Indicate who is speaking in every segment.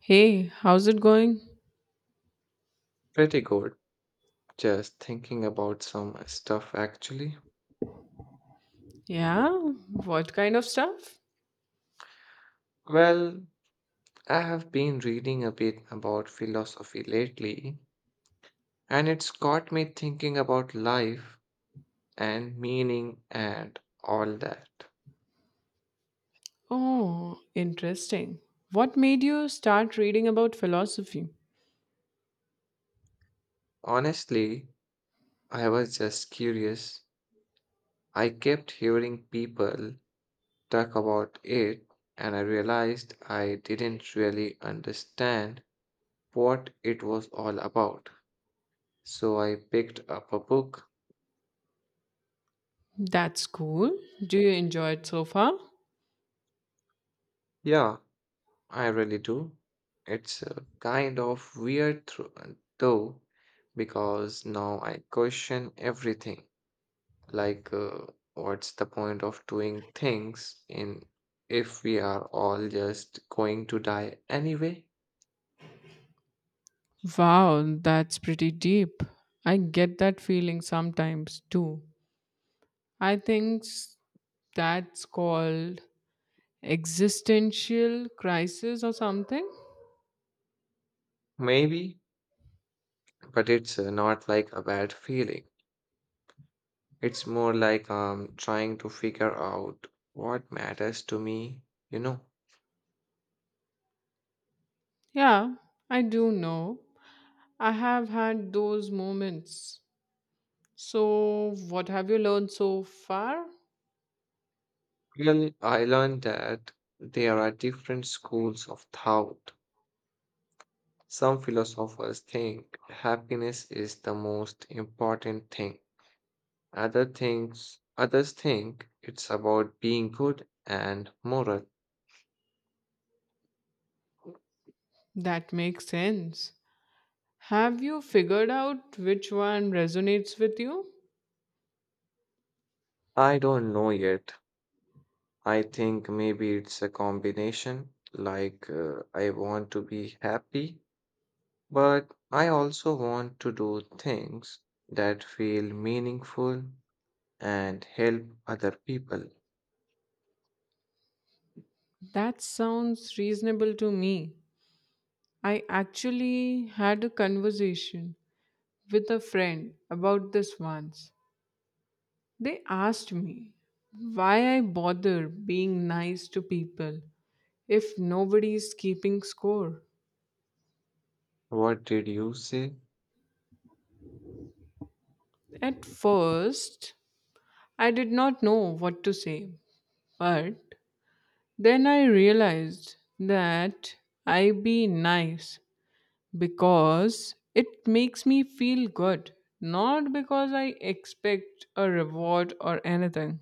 Speaker 1: Hey, how's it going?
Speaker 2: Pretty good. Just thinking about some stuff actually.
Speaker 1: Yeah, what kind of stuff?
Speaker 2: Well, I have been reading a bit about philosophy lately, and it's got me thinking about life and meaning and all that.
Speaker 1: Oh, interesting. What made you start reading about philosophy?
Speaker 2: Honestly, I was just curious. I kept hearing people talk about it, and I realized I didn't really understand what it was all about. So I picked up a book.
Speaker 1: That's cool. Do you enjoy it so far?
Speaker 2: Yeah, I really do. It's kind of weird though, because now I question everything. Like, uh, what's the point of doing things in if we are all just going to die anyway?
Speaker 1: Wow, that's pretty deep. I get that feeling sometimes too. I think s- that's called existential crisis or something.
Speaker 2: Maybe, but it's not like a bad feeling. It's more like trying to figure out what matters to me, you know.
Speaker 1: Yeah, I do know. I have had those moments. So, what have you learned so far?
Speaker 2: Really, I learned that there are different schools of thought. Some philosophers think happiness is the most important thing. Other things, others think it's about being good and moral.
Speaker 1: That makes sense. Have you figured out which one resonates with you?
Speaker 2: I don't know yet. I think maybe it's a combination. I want to be happy, but I also want to do things that feel meaningful and help other people.
Speaker 1: That sounds reasonable to me. I actually had a conversation with a friend about this once. They asked me why I bother being nice to people if nobody is keeping score.
Speaker 2: What did you say?
Speaker 1: At first, I did not know what to say, but then I realized that I be nice because it makes me feel good, not because I expect a reward or anything.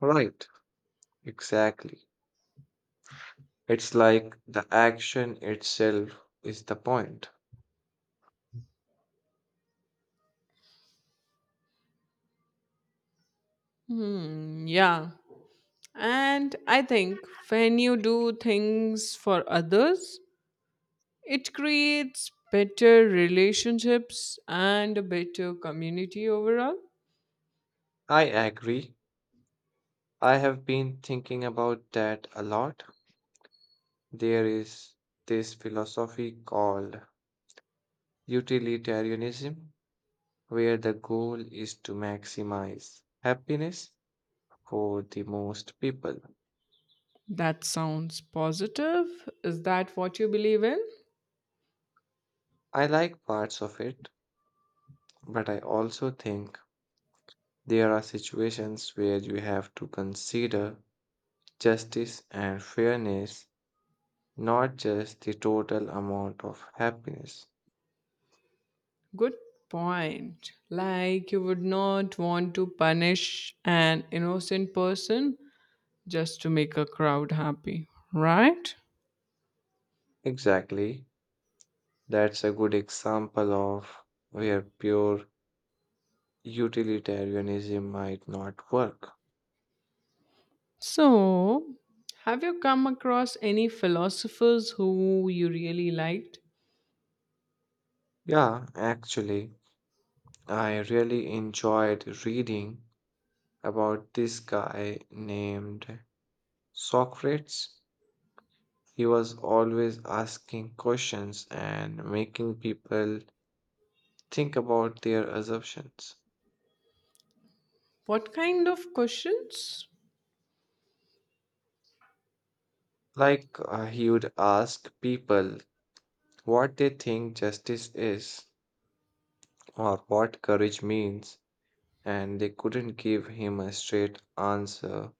Speaker 2: Right, exactly. It's like the action itself is the point.
Speaker 1: Hmm, yeah. And I think when you do things for others, it creates better relationships and a better community overall.
Speaker 2: I agree. I have been thinking about that a lot. There is this philosophy called utilitarianism, where the goal is to maximize happiness for the most people.
Speaker 1: That sounds positive. Is that what you believe in?
Speaker 2: I like parts of it, but I also think there are situations where you have to consider justice and fairness, not just the total amount of happiness.
Speaker 1: Good point. Like you would not want to punish an innocent person just to make a crowd happy, right?
Speaker 2: Exactly. That's a good example of where pure utilitarianism might not work.
Speaker 1: So, have you come across any philosophers who you really liked?
Speaker 2: Yeah, actually, I really enjoyed reading about this guy named Socrates. He was always asking questions and making people think about their assumptions.
Speaker 1: What kind of questions?
Speaker 2: He would ask people what they think justice is or what courage means, and they couldn't give him a straight answer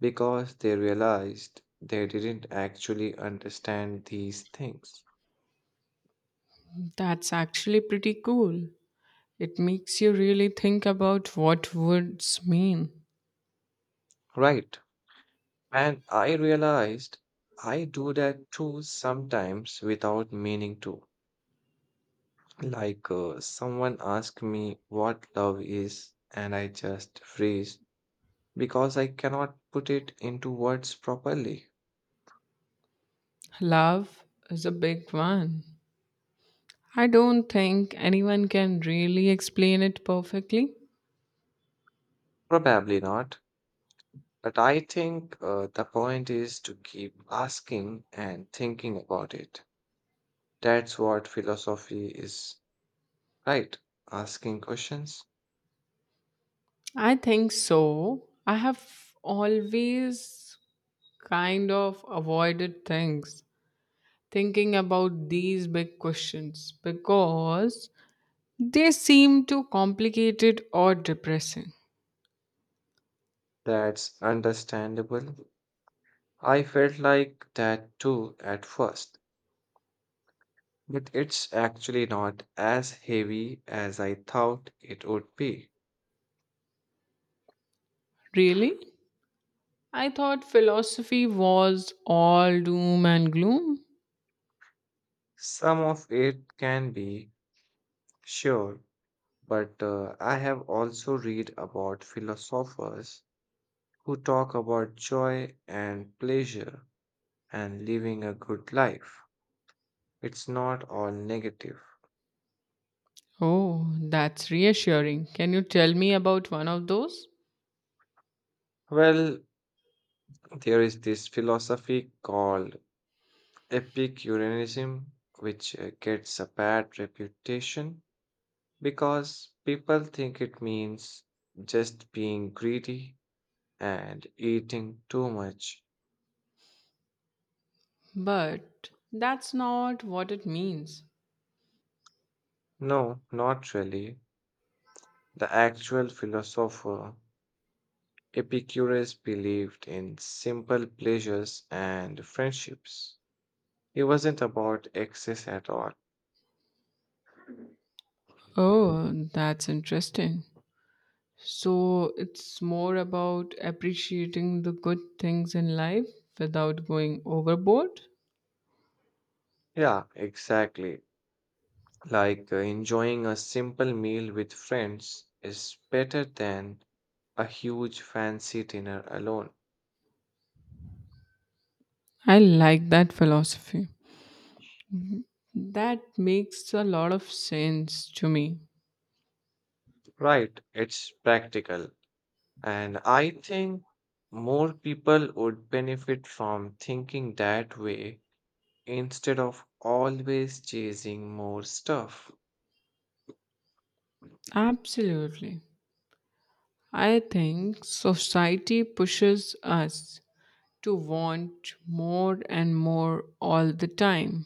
Speaker 2: because they realized they didn't actually understand these things.
Speaker 1: That's actually pretty cool. It makes you really think about what words mean.
Speaker 2: Right. And I realized I do that too sometimes without meaning to. Someone asked me what love is, and I just freeze because I cannot put it into words properly.
Speaker 1: Love is a big one. I don't think anyone can really explain it perfectly.
Speaker 2: Probably not, but I think the point is to keep asking and thinking about it. That's what philosophy is, right? Asking questions.
Speaker 1: I think so. I have always kind of avoided things, thinking about these big questions because they seem too complicated or depressing.
Speaker 2: That's understandable. I felt like that too at first, but it's actually not as heavy as I thought it would be.
Speaker 1: Really? I thought philosophy was all doom and gloom.
Speaker 2: Some of it can be, sure, but I have also read about philosophers who talk about joy and pleasure and living a good life. It's not all negative.
Speaker 1: Oh, that's reassuring. Can you tell me about one of those?
Speaker 2: Well, there is this philosophy called Epicureanism, which gets a bad reputation because people think it means just being greedy and eating too much.
Speaker 1: But that's not what it means.
Speaker 2: No, not really. The actual philosopher Epicurus believed in simple pleasures and friendships. It wasn't about excess at all.
Speaker 1: Oh, that's interesting. So it's more about appreciating the good things in life without going overboard.
Speaker 2: Yeah, exactly. Enjoying a simple meal with friends is better than a huge fancy dinner alone.
Speaker 1: I like that philosophy. That makes a lot of sense to me.
Speaker 2: Right, it's practical. And I think more people would benefit from thinking that way instead of always chasing more stuff.
Speaker 1: Absolutely. I think society pushes us to want more and more all the time.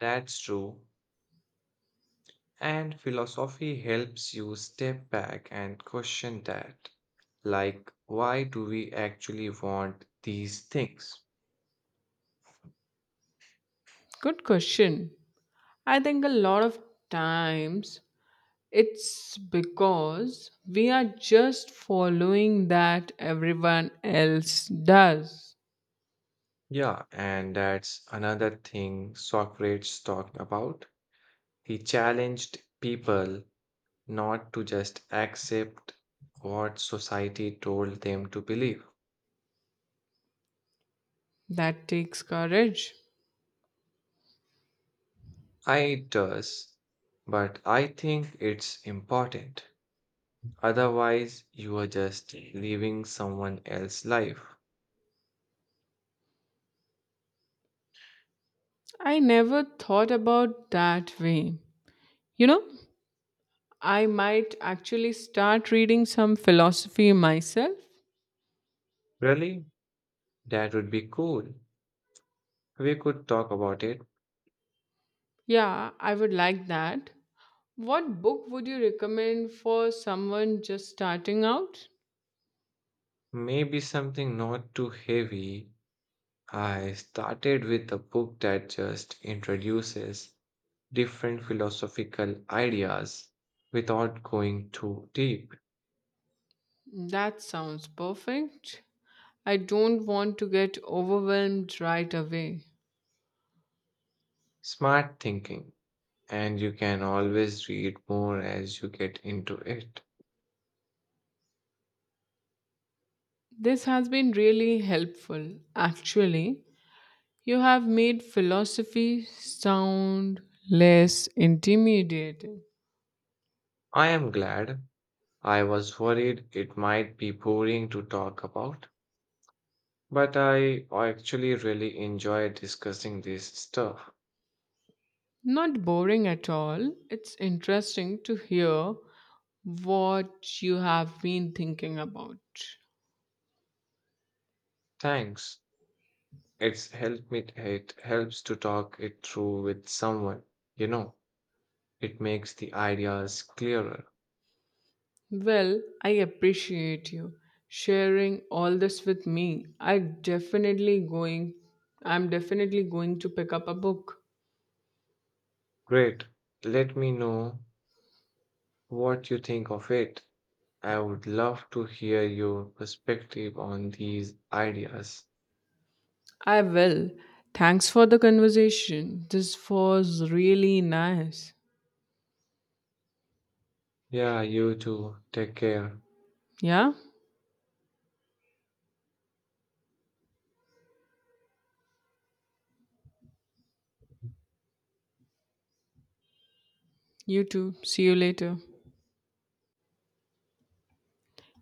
Speaker 2: That's true. And philosophy helps you step back and question that. Like, why do we actually want these things?
Speaker 1: Good question. I think a lot of times it's because we are just following that everyone else does.
Speaker 2: Yeah, and that's another thing Socrates talked about. He challenged people not to just accept what society told them to believe.
Speaker 1: That takes courage.
Speaker 2: I it does, but I think it's important. Otherwise, you are just living someone else's life.
Speaker 1: I never thought about that way. You know, I might actually start reading some philosophy myself.
Speaker 2: Really? That would be cool. We could talk about it.
Speaker 1: Yeah, I would like that. What book would you recommend for someone just starting out?
Speaker 2: Maybe something not too heavy. I started with a book that just introduces different philosophical ideas without going too deep.
Speaker 1: That sounds perfect. I don't want to get overwhelmed right away.
Speaker 2: Smart thinking, and you can always read more as you get into it.
Speaker 1: This has been really helpful. Actually, you have made philosophy sound less intimidating.
Speaker 2: I am glad. I was worried it might be boring to talk about, but I actually really enjoy discussing this stuff.
Speaker 1: Not boring at all. It's interesting to hear what you have been thinking about.
Speaker 2: Thanks. It helps to talk it through with someone. You know, it makes the ideas clearer.
Speaker 1: Well, I appreciate you sharing all this with me. I'm definitely going to pick up a book.
Speaker 2: Great. Let me know what you think of it. I would love to hear your perspective on these ideas.
Speaker 1: I will. Thanks for the conversation. This was really nice.
Speaker 2: Yeah, you too. Take care.
Speaker 1: Yeah? You too. See you later.